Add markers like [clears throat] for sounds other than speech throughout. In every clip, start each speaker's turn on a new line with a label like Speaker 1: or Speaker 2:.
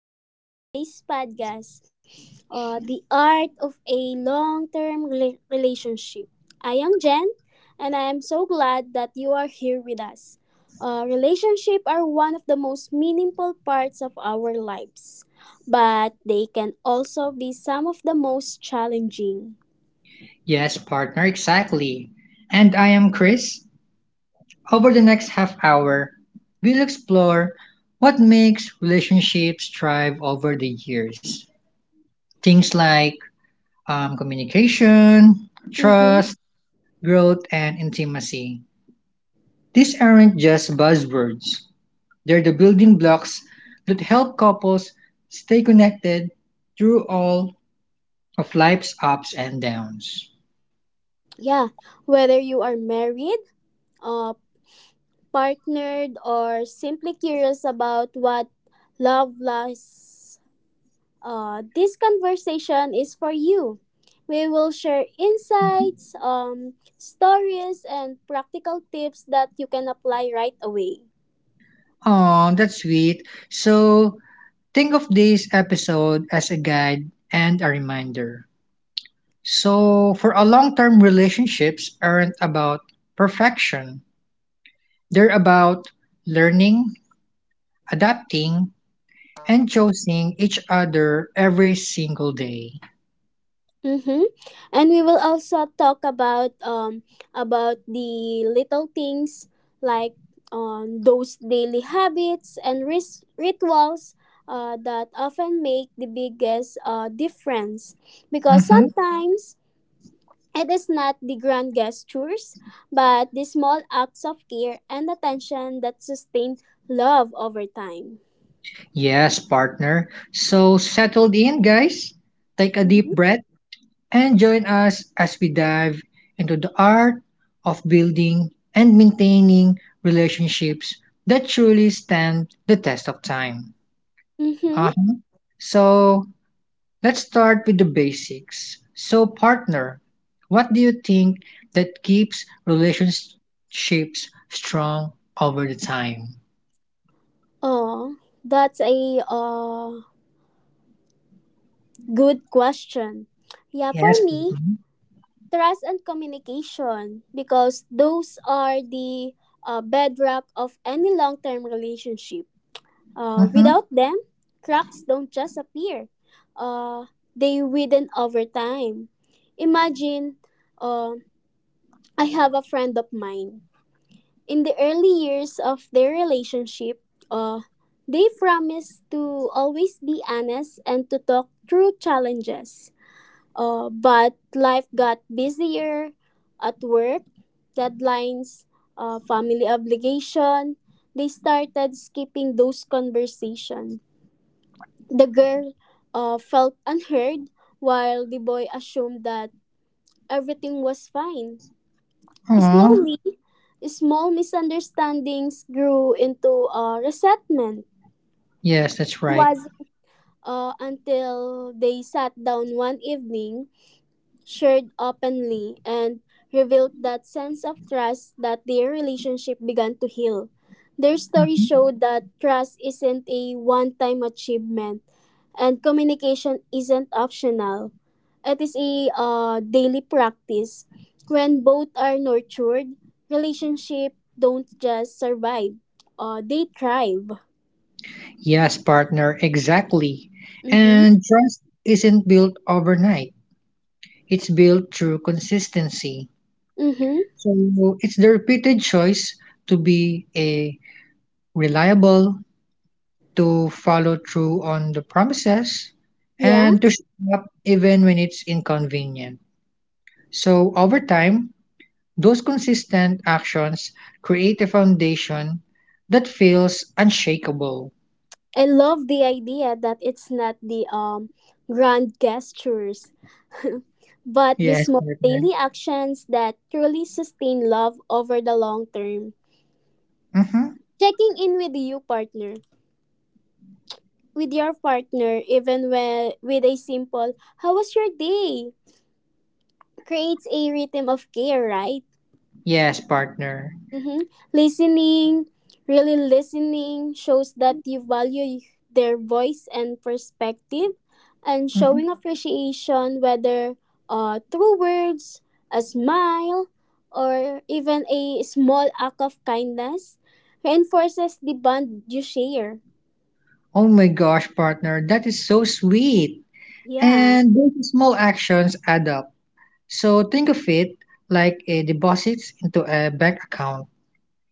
Speaker 1: Welcome to today's podcast, the Art of a Long Term Relationship. I am Jen, and I am so glad that you are here with us. Relationships are one of the most meaningful parts of our lives, but they can also be some of the most challenging.
Speaker 2: Yes, partner, exactly. And I am Chris. Over the next half hour, we'll explore what makes relationships thrive over the years. Things like communication,
Speaker 1: Mm-hmm.
Speaker 2: trust, growth, and intimacy. These aren't just buzzwords, they're the building blocks that help couples stay connected through all of life's ups and downs.
Speaker 1: Yeah, whether you are married, uh, partnered, or simply curious about what love lasts, this conversation is for you. We will share insights, stories, and practical tips that you can apply right away.
Speaker 2: Oh, that's sweet. So, think of this episode as a guide and a reminder. So, for a long term, relationships aren't about perfection, they're about learning, adapting, and choosing each other every single day.
Speaker 1: Mm-hmm. And we will also talk about about the little things like those daily habits and rituals that often make the biggest difference, because
Speaker 2: Mhm.
Speaker 1: sometimes it is not the grand gestures but the small acts of care and attention that sustain love over time.
Speaker 2: Yes, partner. So, settled in, guys. Take a deep
Speaker 1: Mm-hmm.
Speaker 2: breath and join us as we dive into the art of building and maintaining relationships that truly stand the test of time.
Speaker 1: Mm-hmm.
Speaker 2: Uh-huh. So let's start with the basics. So, partner, what do you think that keeps relationships strong over the time?
Speaker 1: Oh, that's a good question. Yeah, for
Speaker 2: Yes.
Speaker 1: me, trust and communication, because those are the bedrock of any long term relationship. Without them, cracks don't just appear, they widen over time. Imagine, uh, I have a friend of mine. In the early years of their relationship, uh, they promised to always be honest and to talk through challenges. But life got busier at work, deadlines, family obligation. They started skipping those conversations. The girl felt [laughs] unheard while the boy assumed that everything was fine.
Speaker 2: Mm-hmm.
Speaker 1: Slowly, small misunderstandings grew into resentment.
Speaker 2: Yes, that's right.
Speaker 1: Was until they sat down one evening, shared openly, and revealed that sense of trust, that their relationship began to heal. Their story
Speaker 2: Mm-hmm.
Speaker 1: showed that trust isn't a one time achievement, and communication isn't optional. It is a daily practice. When both are nurtured, relationship don't just survive, they thrive.
Speaker 2: Yes, partner, exactly.
Speaker 1: Mm-hmm.
Speaker 2: And trust isn't built overnight, it's built through consistency.
Speaker 1: Mm-hmm.
Speaker 2: So it's the repeated choice to be a reliable, to follow through on the promises,
Speaker 1: Yeah.
Speaker 2: and to show up even when it's inconvenient. So over time, those consistent actions create a foundation that feels unshakable.
Speaker 1: I love the idea that it's not the grand gestures, but the
Speaker 2: Yes,
Speaker 1: small
Speaker 2: partner.
Speaker 1: daily actions that truly sustain love over the long term.
Speaker 2: Mm-hmm.
Speaker 1: Checking in with you partner. With your partner, even when, with a simple, how was your day? Creates a rhythm of care, right?
Speaker 2: Yes, partner.
Speaker 1: Mm-hmm. Listening, really listening, shows that you value their voice and perspective, and
Speaker 2: Mm-hmm.
Speaker 1: showing appreciation, whether through words, a smile, or even a small act of kindness, reinforces the bond you share.
Speaker 2: Oh my gosh, partner, that is so sweet.
Speaker 1: Yeah.
Speaker 2: And those small actions add up. So think of it like a deposit into a bank account.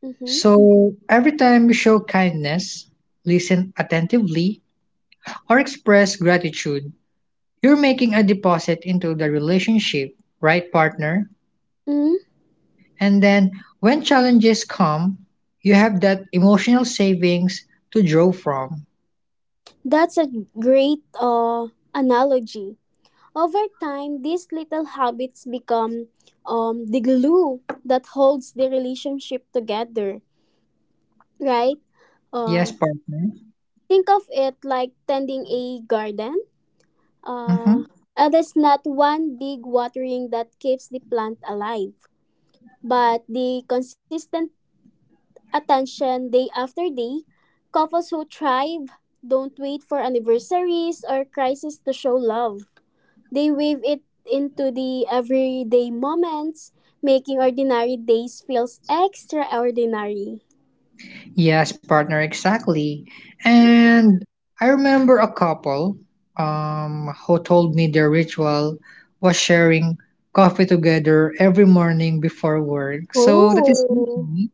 Speaker 1: Mm-hmm.
Speaker 2: So every time you show kindness, listen attentively, or express gratitude, you're making a deposit into the relationship, right, partner?
Speaker 1: Mm-hmm.
Speaker 2: And then when challenges come, you have that emotional savings to draw from.
Speaker 1: That's a great analogy. Over time, these little habits become the glue that holds the relationship together, right? Uh,
Speaker 2: Yes, partner.
Speaker 1: think of it like tending a garden. Uh,
Speaker 2: Mhm.
Speaker 1: it is not one big watering that keeps the plant alive, but the consistent attention day after day. Couples who thrive don't wait for anniversaries or crises to show love. They weave it into the everyday moments, making ordinary days feels extraordinary.
Speaker 2: Yes, partner, exactly.
Speaker 1: Mhm.
Speaker 2: And I remember a couple who told me their ritual was sharing coffee together every morning before work. So that is
Speaker 1: Oh,
Speaker 2: easy.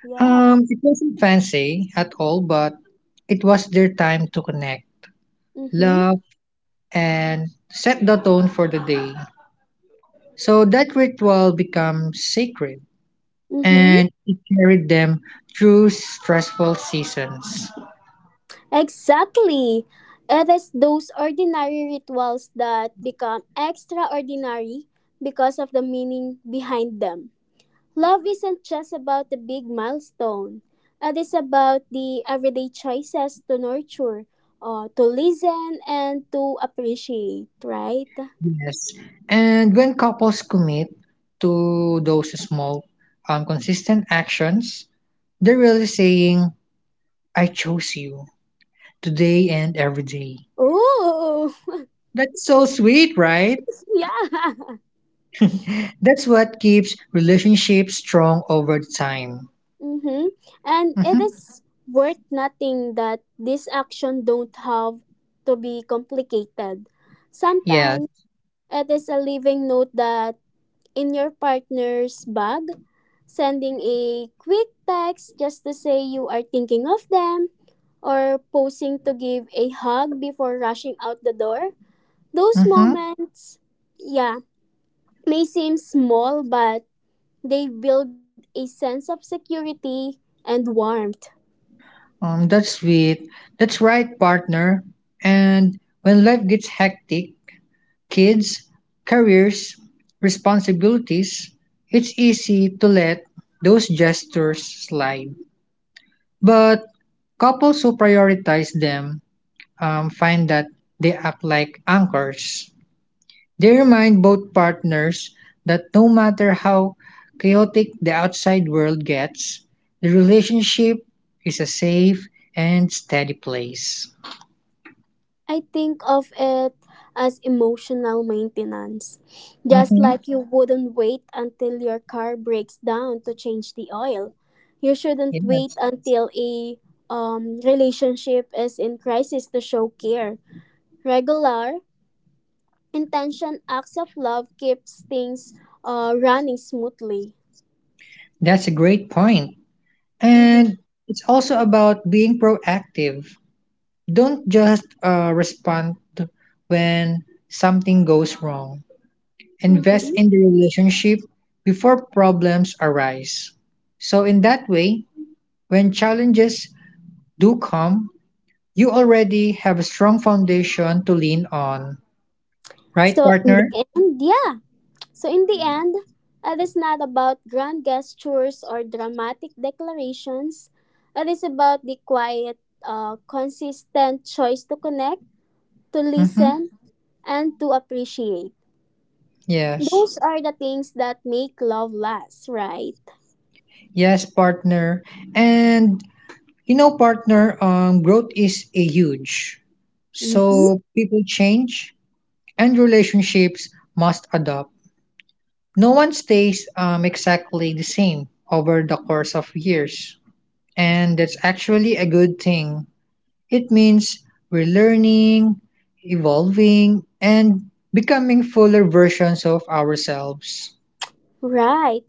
Speaker 1: yeah.
Speaker 2: It wasn't fancy at all, but it was their time to connect,
Speaker 1: Mm-hmm.
Speaker 2: love, and set the tone for the day. So that ritual becomes sacred
Speaker 1: Mm-hmm.
Speaker 2: and it carried them through stressful seasons.
Speaker 1: Exactly. It is those ordinary rituals that become extraordinary because of the meaning behind them. Love isn't just about the big milestone. It is about the everyday choices to nurture, to listen, and to appreciate, right?
Speaker 2: Yes, and when couples commit to those small, consistent actions, they're really saying, I chose you today and every day.
Speaker 1: Ooh, [laughs]
Speaker 2: That's so sweet, right?
Speaker 1: yeah.
Speaker 2: That's what keeps relationships strong over time.
Speaker 1: Mm-hmm. And it
Speaker 2: hmm
Speaker 1: is worth nothing that this action don't have to be complicated.
Speaker 2: Yeah,
Speaker 1: Sometimes it is a living note that in your partner's bag, sending a quick text just to say you are thinking of them, or posing to give a hug before rushing out the door. Those
Speaker 2: hmm
Speaker 1: moments, yeah, may seem small, but they build a sense of security and warmth.
Speaker 2: that's sweet. That's right, partner. And when life gets hectic, kids, careers, responsibilities, it's easy to let those gestures slide. But couples who prioritize them find that they act like anchors. They remind both partners that no matter how chaotic the outside world gets, the relationship is a safe and steady place.
Speaker 1: I think of it as emotional maintenance. Just
Speaker 2: hmm
Speaker 1: like you wouldn't wait until your car breaks down to change the oil, you shouldn't wait
Speaker 2: Yes,
Speaker 1: until a relationship is in crisis to show care. Regular, intention acts of love keeps things running smoothly.
Speaker 2: that's a great point.
Speaker 1: Mm-hmm.
Speaker 2: And it's also about being proactive. Don't just respond when something goes wrong. Invest
Speaker 1: Mm-hmm.
Speaker 2: in the relationship before problems arise. So, in that way, when challenges do come, you already have a strong foundation to lean on. Right,
Speaker 1: So in the
Speaker 2: partner?
Speaker 1: end, yeah. So, in the end, it is not about grand gestures or dramatic declarations. It is about the quiet, consistent choice to connect, to
Speaker 2: Mm-hmm.
Speaker 1: listen, and to appreciate.
Speaker 2: Yes.
Speaker 1: Those are the things that make love last, right?
Speaker 2: Yes, partner. And you know, partner, growth is a huge.
Speaker 1: Mm-hmm.
Speaker 2: So people change, and relationships must adapt. No one stays exactly the same over the course of years, and that's actually a good thing. It means we're learning, evolving, and becoming fuller versions of ourselves.
Speaker 1: Right.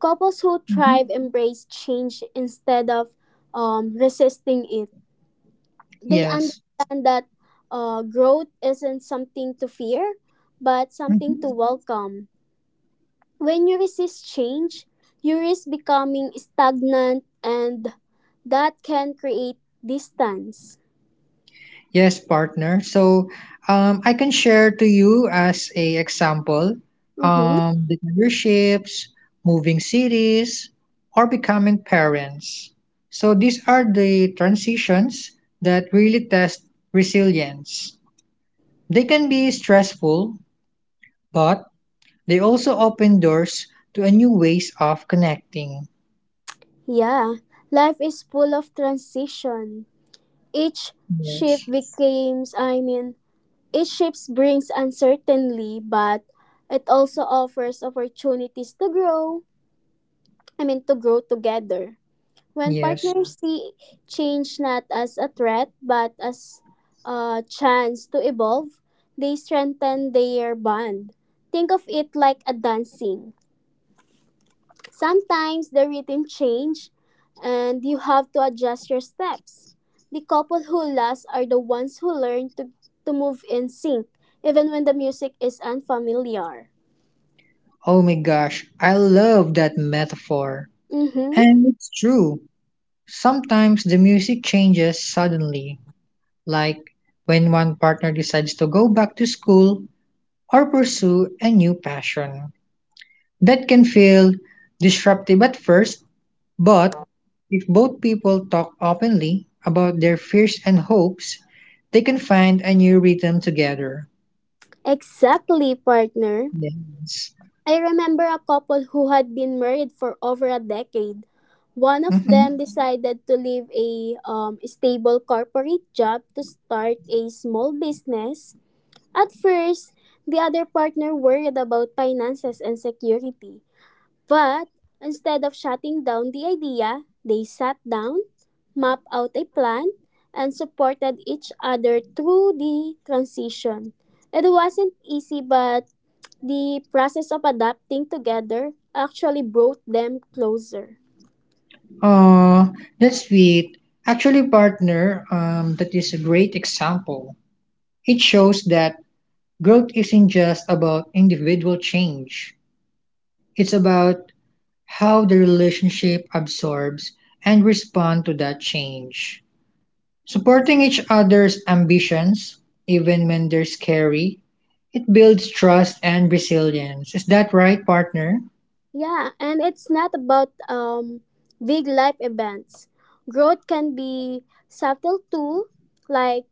Speaker 1: Couples who
Speaker 2: Mhm.
Speaker 1: thrive embrace change instead of resisting it. They
Speaker 2: Yes.
Speaker 1: understand that growth isn't something to fear, but something to
Speaker 2: Mhm.
Speaker 1: welcome. When you resist change, you risk becoming stagnant, and that can create distance.
Speaker 2: Yes, partner. So I can share to you as a example
Speaker 1: Mm-hmm.
Speaker 2: the memberships, moving cities, or becoming parents. So these are the transitions that really test resilience. They can be stressful, but they also open doors to a new ways of connecting.
Speaker 1: Yeah, life is full of transition. Each shift
Speaker 2: Yes.
Speaker 1: becomes, I mean, each shift brings uncertainty, but it also offers opportunities to grow. To grow together. When
Speaker 2: Yes.
Speaker 1: partners see change not as a threat but as a chance to evolve, they strengthen their bond. Think of it like a dancing. Sometimes the rhythm change and you have to adjust your steps. The couple who last are the ones who learn to move in sync even when the music is unfamiliar.
Speaker 2: Oh my gosh, I love that metaphor.
Speaker 1: Mhm.
Speaker 2: And it's true. Sometimes the music changes suddenly, like when one partner decides to go back to school or pursue a new passion. That can feel disruptive at first, but if both people talk openly about their fears and hopes, they can find a new rhythm together.
Speaker 1: Exactly, partner.
Speaker 2: Yes.
Speaker 1: I remember a couple who had been married for over a decade. One of
Speaker 2: Mm-hmm.
Speaker 1: them decided to leave a stable corporate job to start a small business. At first, the other partner worried about finances and security. But instead of shutting down the idea, they sat down, mapped out a plan, and supported each other through the transition. It wasn't easy, but the process of adapting together actually brought them closer.
Speaker 2: Uh, that's sweet. Actually, partner, that is a great example. It shows that growth isn't just about individual change, it's about how the relationship absorbs and responds to that change. Supporting each other's ambitions, even when they're scary, it builds trust and resilience. Is that right, partner?
Speaker 1: Yeah, and it's not about big life events. Growth can be subtle too, like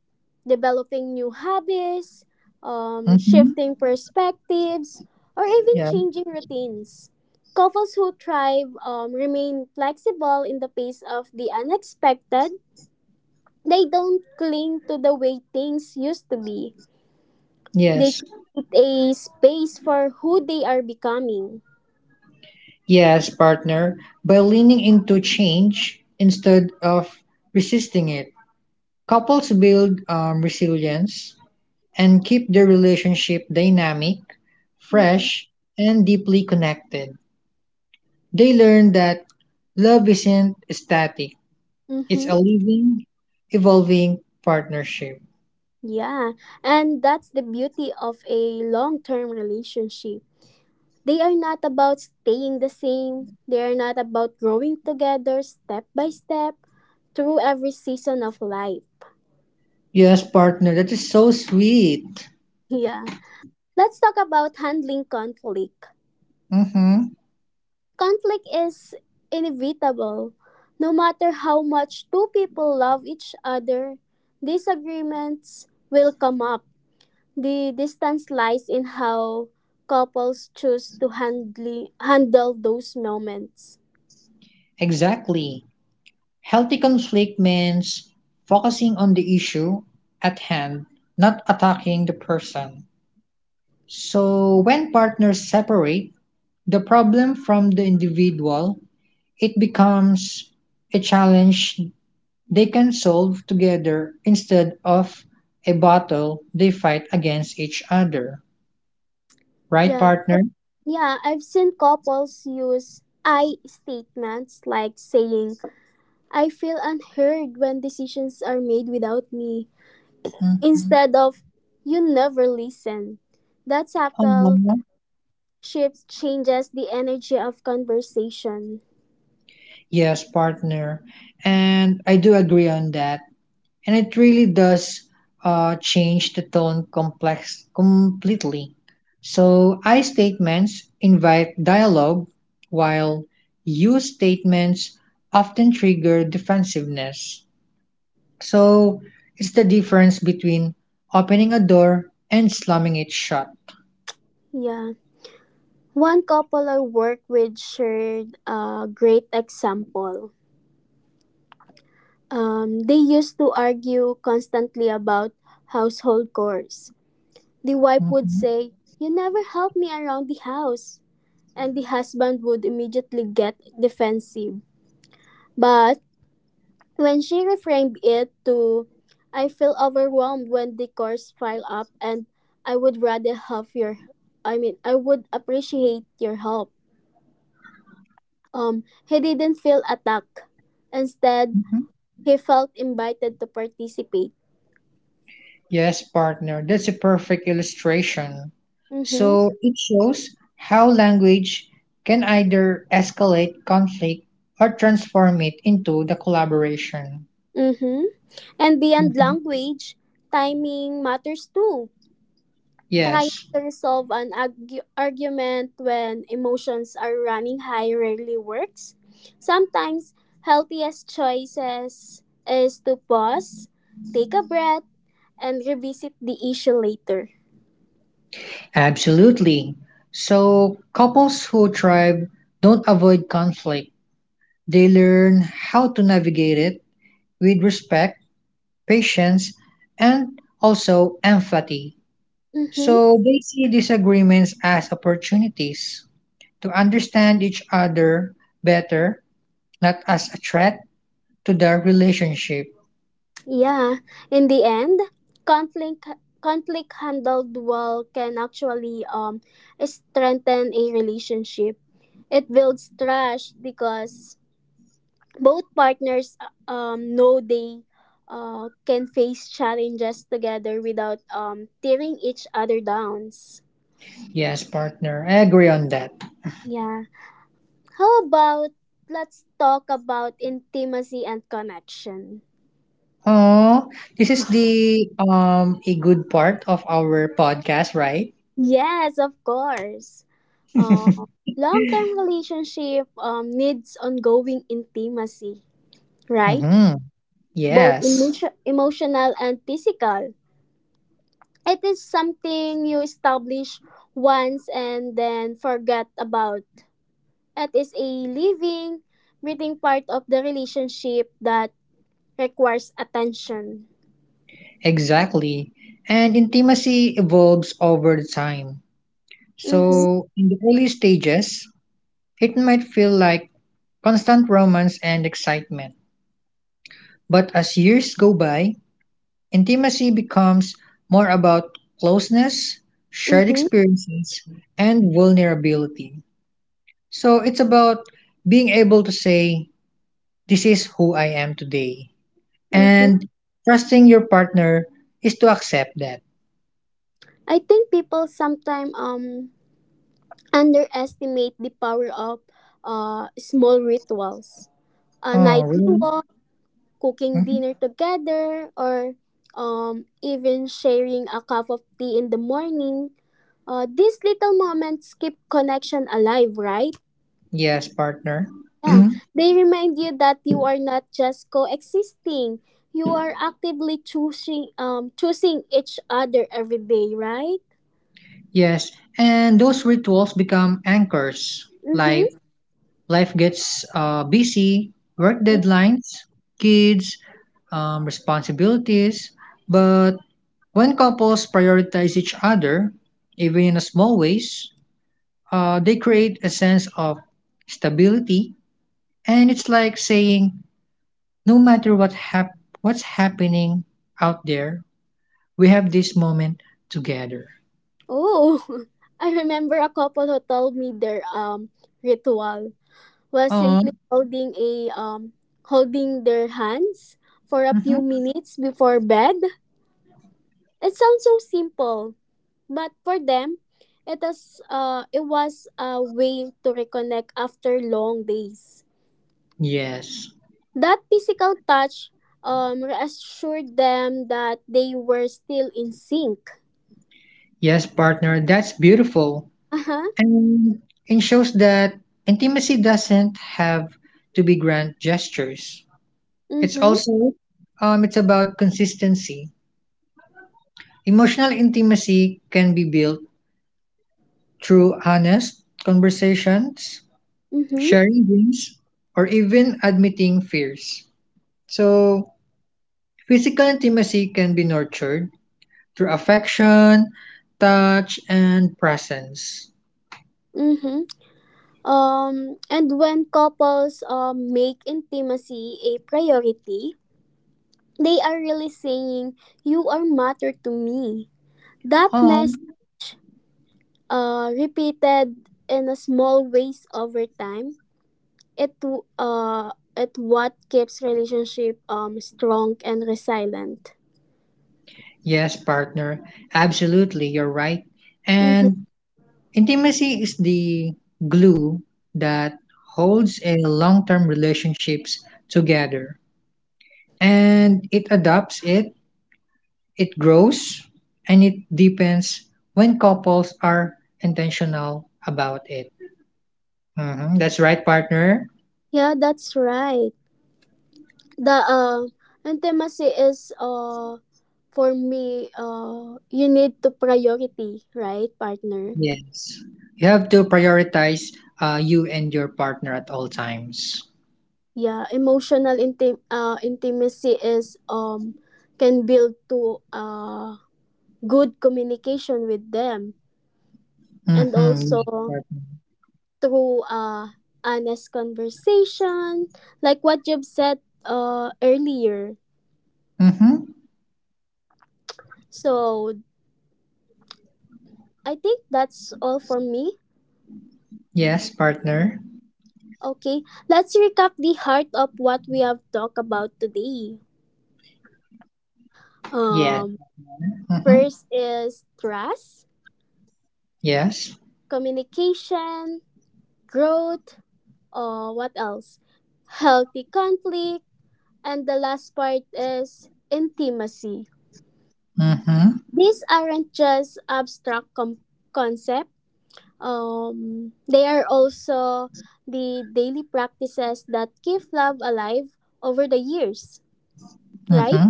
Speaker 1: developing new hobbies,
Speaker 2: hmm
Speaker 1: shifting perspectives, or even
Speaker 2: Yeah.
Speaker 1: changing routines. Couples who thrive remain flexible in the face of the unexpected. They don't cling to the way things used to be. They
Speaker 2: Yes.
Speaker 1: create a space for who they are becoming.
Speaker 2: Yes, partner. By leaning into change instead of resisting it, couples build resilience and keep their relationship dynamic
Speaker 1: Mm-hmm.
Speaker 2: fresh, and deeply connected. They learn that love isn't static, it's
Speaker 1: Mm-hmm.
Speaker 2: a living, evolving partnership.
Speaker 1: Yeah. And that's the beauty of a long term relationship. They are not about staying the same, they are not about growing together step by step through every season of life.
Speaker 2: Yes, partner, that is so sweet.
Speaker 1: Yeah. Let's talk about handling conflict.
Speaker 2: Mm-hmm.
Speaker 1: Conflict is inevitable. No matter how much two people love each other, disagreements will come up. The distance lies in how couples choose to handle those moments.
Speaker 2: Exactly. Healthy conflict means focusing on the issue at hand, not attacking the person. So, when partners separate the problem from the individual, it becomes a challenge they can solve together instead of a battle they fight against each other. Right,
Speaker 1: Yeah.
Speaker 2: partner?
Speaker 1: Yeah, I've seen couples use I statements, like saying, I feel unheard when decisions are made without me,
Speaker 2: Mhm.
Speaker 1: instead of, you never listen. That subtle
Speaker 2: Aw.
Speaker 1: shift changes the energy of conversation.
Speaker 2: Yes, partner. And I do agree on that. And it really does change the tone complex completely. So I statements invite dialogue while you statements often trigger defensiveness. So it's the difference between opening a door and slamming it shut.
Speaker 1: Yeah. One couple I work with shared a great example. They used to argue constantly about household chores. The wife would
Speaker 2: Mhm.
Speaker 1: say, you never help me around the house. And the husband would immediately get defensive. But when she reframed it to, I feel overwhelmed when the chores pile up and I would rather have your, I mean, I would appreciate your help. He didn't feel attacked. Instead, he felt invited to participate.
Speaker 2: Yes, partner, that's a perfect illustration.
Speaker 1: Mm-hmm.
Speaker 2: So it shows how language can either escalate conflict or transform it into the collaboration.
Speaker 1: Mm-hmm. And beyond
Speaker 2: Mhm.
Speaker 1: language, timing matters too. Trying
Speaker 2: Yes,
Speaker 1: to resolve an argument when emotions are running high rarely works. Sometimes, healthiest choices is to pause, take a breath, and revisit the issue later.
Speaker 2: absolutely. So couples who thrive don't avoid conflict. They learn how to navigate it with respect patience, and also empathy. So
Speaker 1: Mm-hmm.
Speaker 2: they see disagreements as opportunities to understand each other better, not as a threat to their relationship.
Speaker 1: Yeah. In the end, conflict conflict handled well can actually strengthen a relationship. It builds trust because both partners know they can face challenges together without tearing each other downs.
Speaker 2: Yes, partner, I agree on that.
Speaker 1: Yeah. How about let's talk about intimacy and connection?
Speaker 2: Oh, this is the a good part of our podcast, right?
Speaker 1: Yes, of course. Uh, Long-term relationship needs ongoing intimacy, right?
Speaker 2: Mm-hmm.
Speaker 1: Both
Speaker 2: Yes,
Speaker 1: emotional and physical. It is something you establish once and then forget about. It is a living, breathing part of the relationship that requires attention.
Speaker 2: exactly. And intimacy evolves over the time.
Speaker 1: Mm-hmm.
Speaker 2: So in the early stages, it might feel like constant romance and excitement. But as years go by, intimacy becomes more about closeness, shared
Speaker 1: Mm-hmm.
Speaker 2: experiences, and vulnerability. So it's about being able to say, this is who I am today.
Speaker 1: Mm-hmm.
Speaker 2: And trusting your partner is to accept that.
Speaker 1: I think people sometimes underestimate the power of small rituals. A
Speaker 2: Oh,
Speaker 1: nightly
Speaker 2: really?
Speaker 1: walk, cooking
Speaker 2: Mhm.
Speaker 1: dinner together, or even sharing a cup of tea in the morning. These little moments keep connection alive, right?
Speaker 2: Yes, partner.
Speaker 1: Yeah,
Speaker 2: [clears throat]
Speaker 1: they remind you that you are not just coexisting. You are actively choosing each other every day, right?
Speaker 2: Yes. And those rituals become anchors, like
Speaker 1: Mm-hmm.
Speaker 2: life gets busy, work
Speaker 1: Mm.
Speaker 2: deadlines, kids, responsibilities. But when couples prioritize each other, even in a small ways, they create a sense of stability. And it's like saying, no matter what's happening out there, we have this moment together.
Speaker 1: Oh, [laughs] I remember a couple who told me their ritual was
Speaker 2: Oh,
Speaker 1: simply holding their hands for a few
Speaker 2: mhm.
Speaker 1: minutes before bed. It sounds so simple, but for them, it was a way to reconnect after long days.
Speaker 2: Yes,
Speaker 1: That physical touch reassured them that they were still in sync.
Speaker 2: yes, partner, that's beautiful.
Speaker 1: Uh-huh.
Speaker 2: And it shows that intimacy doesn't have to be grand gestures. It's
Speaker 1: Mm-hmm.
Speaker 2: also it's about consistency. Emotional intimacy can be built through honest conversations,
Speaker 1: Mm-hmm.
Speaker 2: sharing dreams, or even admitting fears. So, physical intimacy can be nurtured through affection, touch, and presence.
Speaker 1: Mm-hmm. And when couples make intimacy a priority, they are really saying, you are matter to me. That message,
Speaker 2: Um,
Speaker 1: repeated in a small ways over time, it, w- uh, it what keeps relationship strong and resilient.
Speaker 2: yes, partner, absolutely, you're right.
Speaker 1: Mm-hmm.
Speaker 2: And intimacy is the glue that holds a long-term relationships together and it adopts it, it grows and it deepens when couples are intentional about it. Mhm, that's right, partner.
Speaker 1: Yeah, that's right. The intimacy is for me you need to priority, right, partner?
Speaker 2: Yes. You have to prioritize you and your partner at all times.
Speaker 1: Yeah, emotional intimacy is can build to good communication with them, and
Speaker 2: Mm-hmm.
Speaker 1: also through honest conversation like what you've said earlier.
Speaker 2: Mm-hmm.
Speaker 1: So I think that's all for me.
Speaker 2: Yes, partner.
Speaker 1: Okay, let's recap the heart of what we have talked about today.
Speaker 2: Mm-hmm. Yes.
Speaker 1: Um,
Speaker 2: Mm-hmm.
Speaker 1: First is trust,
Speaker 2: Yes.
Speaker 1: communication, growth, what else? Healthy conflict, and the last part is intimacy.
Speaker 2: Mm-hmm.
Speaker 1: These aren't just abstract concept. They are also the daily practices that keep love alive over the years, right?
Speaker 2: Mm-hmm.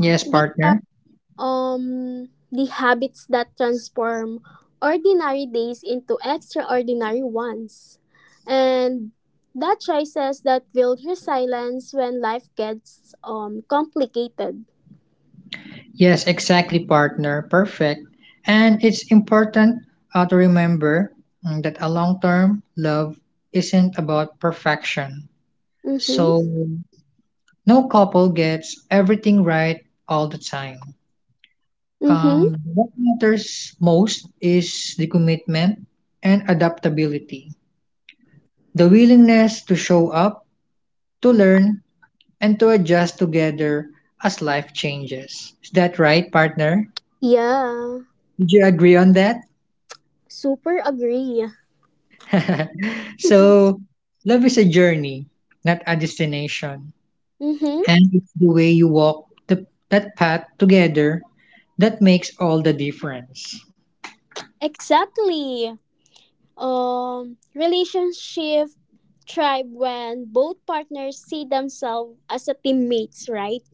Speaker 2: Yes,
Speaker 1: They
Speaker 2: partner.
Speaker 1: the habits that transform ordinary days into extraordinary ones, and that choices that build resilience when life gets complicated.
Speaker 2: Yes, exactly, partner. Perfect. And it's important to remember that a long term love isn't about perfection. So,
Speaker 1: Mm-hmm.
Speaker 2: no couple gets everything right all the time.
Speaker 1: Mm-hmm.
Speaker 2: What matters most is the commitment and adaptability, the willingness to show up, to learn, and to adjust together as life changes. Is that right, partner?
Speaker 1: Yeah,
Speaker 2: Did you agree on that?
Speaker 1: super agree.
Speaker 2: [laughs]
Speaker 1: [laughs]
Speaker 2: So, love is a journey, not a destination.
Speaker 1: Mm-hmm.
Speaker 2: And it's the way you walk that path together that makes all the difference.
Speaker 1: Exactly. Relationship thrive when both partners see themselves as a teammates, right?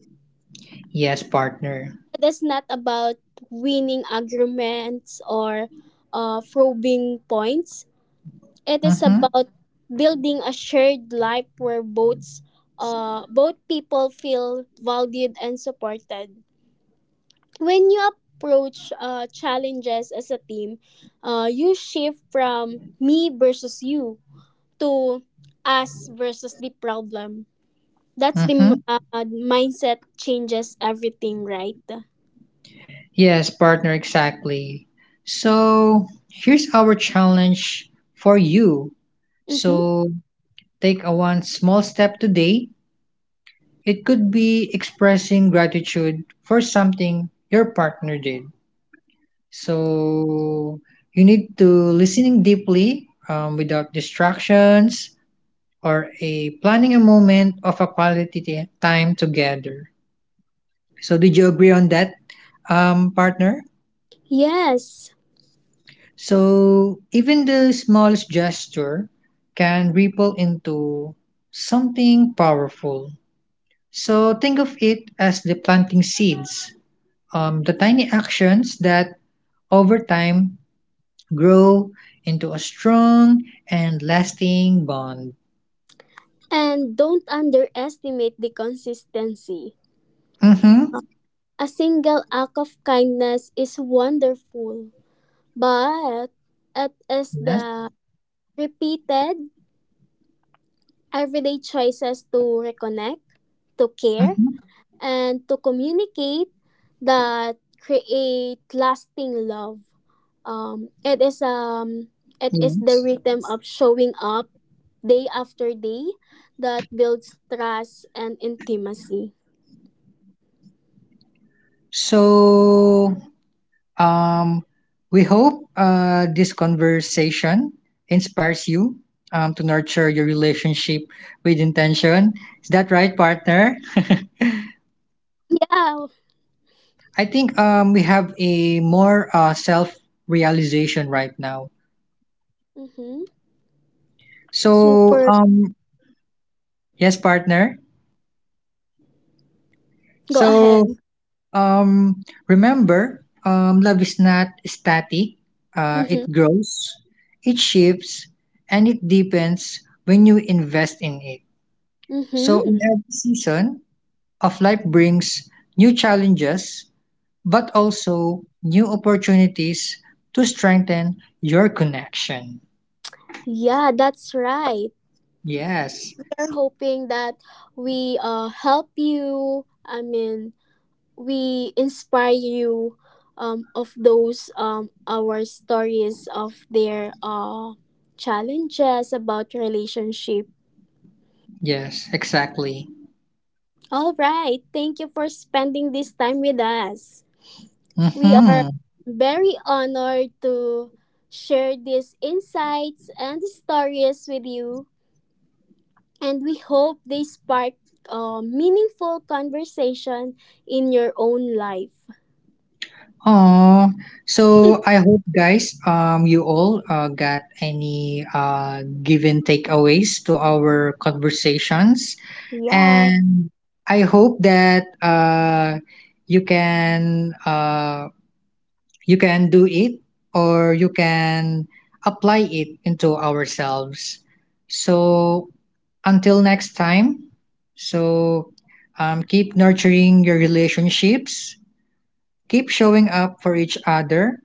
Speaker 2: Yes, partner.
Speaker 1: That's not about winning arguments or probing points. It is
Speaker 2: Mm-hmm.
Speaker 1: about building a shared life where both people feel valued and supported. When you approach challenges as a team, you shift from me versus you to us versus the problem. That's the
Speaker 2: Mm-hmm.
Speaker 1: mindset changes everything, right?
Speaker 2: Yes, partner, exactly. So, here's our challenge for you.
Speaker 1: Mm-hmm.
Speaker 2: So, take a one small step today. It could be expressing gratitude for something your partner did. So you need to listening deeply without distractions or a planning a moment of a time together. So did you agree on that, partner?
Speaker 1: Yes.
Speaker 2: So even the smallest gesture can ripple into something powerful. So think of it as the planting seeds, the tiny actions that over time grow into a strong and lasting bond.
Speaker 1: And don't underestimate the consistency.
Speaker 2: Mm-hmm.
Speaker 1: A single act of kindness is wonderful, but it is
Speaker 2: Yes.
Speaker 1: the repeated everyday choices to reconnect, to care,
Speaker 2: Mm-hmm.
Speaker 1: and to communicate that create lasting love. Um, it is
Speaker 2: Yes.
Speaker 1: um, it is the rhythm of showing up day after day that builds trust and intimacy.
Speaker 2: So, um, we hope this conversation inspires you to nurture your relationship with intention. Is that right, partner?
Speaker 1: Yeah.
Speaker 2: [laughs] I think we have a more self realization right now.
Speaker 1: Mm-hmm.
Speaker 2: So,
Speaker 1: Super.
Speaker 2: yes, partner.
Speaker 1: Go
Speaker 2: So,
Speaker 1: ahead.
Speaker 2: Um, remember, love is not static.
Speaker 1: Mm-hmm.
Speaker 2: It grows, it shifts, and it deepens when you invest in it. So,
Speaker 1: Mm-hmm.
Speaker 2: in every season of life brings new challenges, but also new opportunities to strengthen your connection.
Speaker 1: Yeah, that's right.
Speaker 2: Yes,
Speaker 1: We're hoping that we help you. I mean, we inspire you of those our stories of their challenges about relationship.
Speaker 2: yes, exactly.
Speaker 1: All right. Thank you for spending this time with us. We are
Speaker 2: Mm-hmm.
Speaker 1: very honored to share these insights and stories with you, and we hope they spark a meaningful conversation in your own life.
Speaker 2: Oh, so I
Speaker 1: [laughs]
Speaker 2: hope guys, you all got any given takeaways to our conversations,
Speaker 1: Yeah.
Speaker 2: and I hope that you can uh, you can do it or you can apply it into ourselves. So until next time, so keep nurturing your relationships, keep showing up for each other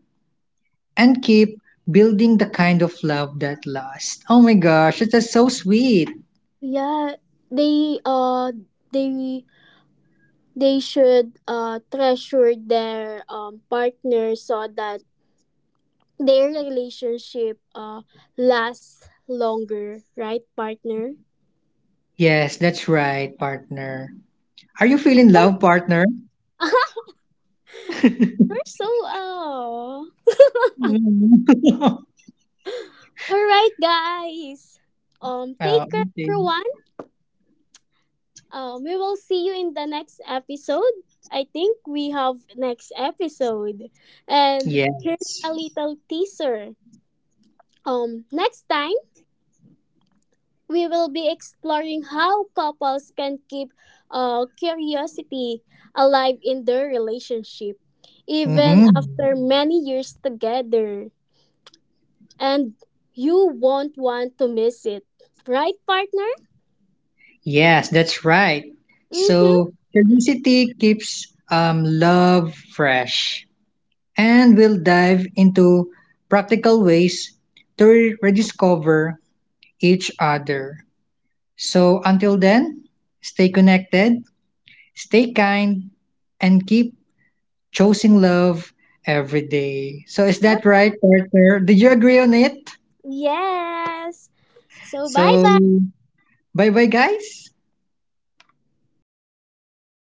Speaker 2: and keep building the kind of love that lasts. Oh my gosh, that's so sweet.
Speaker 1: Yeah. They uh they they should treasure their partner so that their relationship lasts longer, right, partner?
Speaker 2: Yes, that's right, partner. Are you feeling
Speaker 1: Oh,
Speaker 2: love, partner?
Speaker 1: [laughs] you're so.
Speaker 2: Mm. [laughs]
Speaker 1: Alright, guys.
Speaker 2: Oh,
Speaker 1: Take care,
Speaker 2: okay.
Speaker 1: everyone. We will see you in the next episode. I think we have next episode, and here's a
Speaker 2: Yes.
Speaker 1: little teaser. Next time we will be exploring how couples can keep curiosity alive in their relationship, even
Speaker 2: Mm-hmm.
Speaker 1: after many years together, and you won't want to miss it, right, partner?
Speaker 2: Yes, that's right.
Speaker 1: Mm-hmm.
Speaker 2: So curiosity keeps love fresh, and we'll dive into practical ways to rediscover each other. So until then, stay connected, stay kind, and keep choosing love every day. So is that right, partner? Did you agree on it?
Speaker 1: Yes. So bye
Speaker 2: So
Speaker 1: bye.
Speaker 2: bye bye, guys.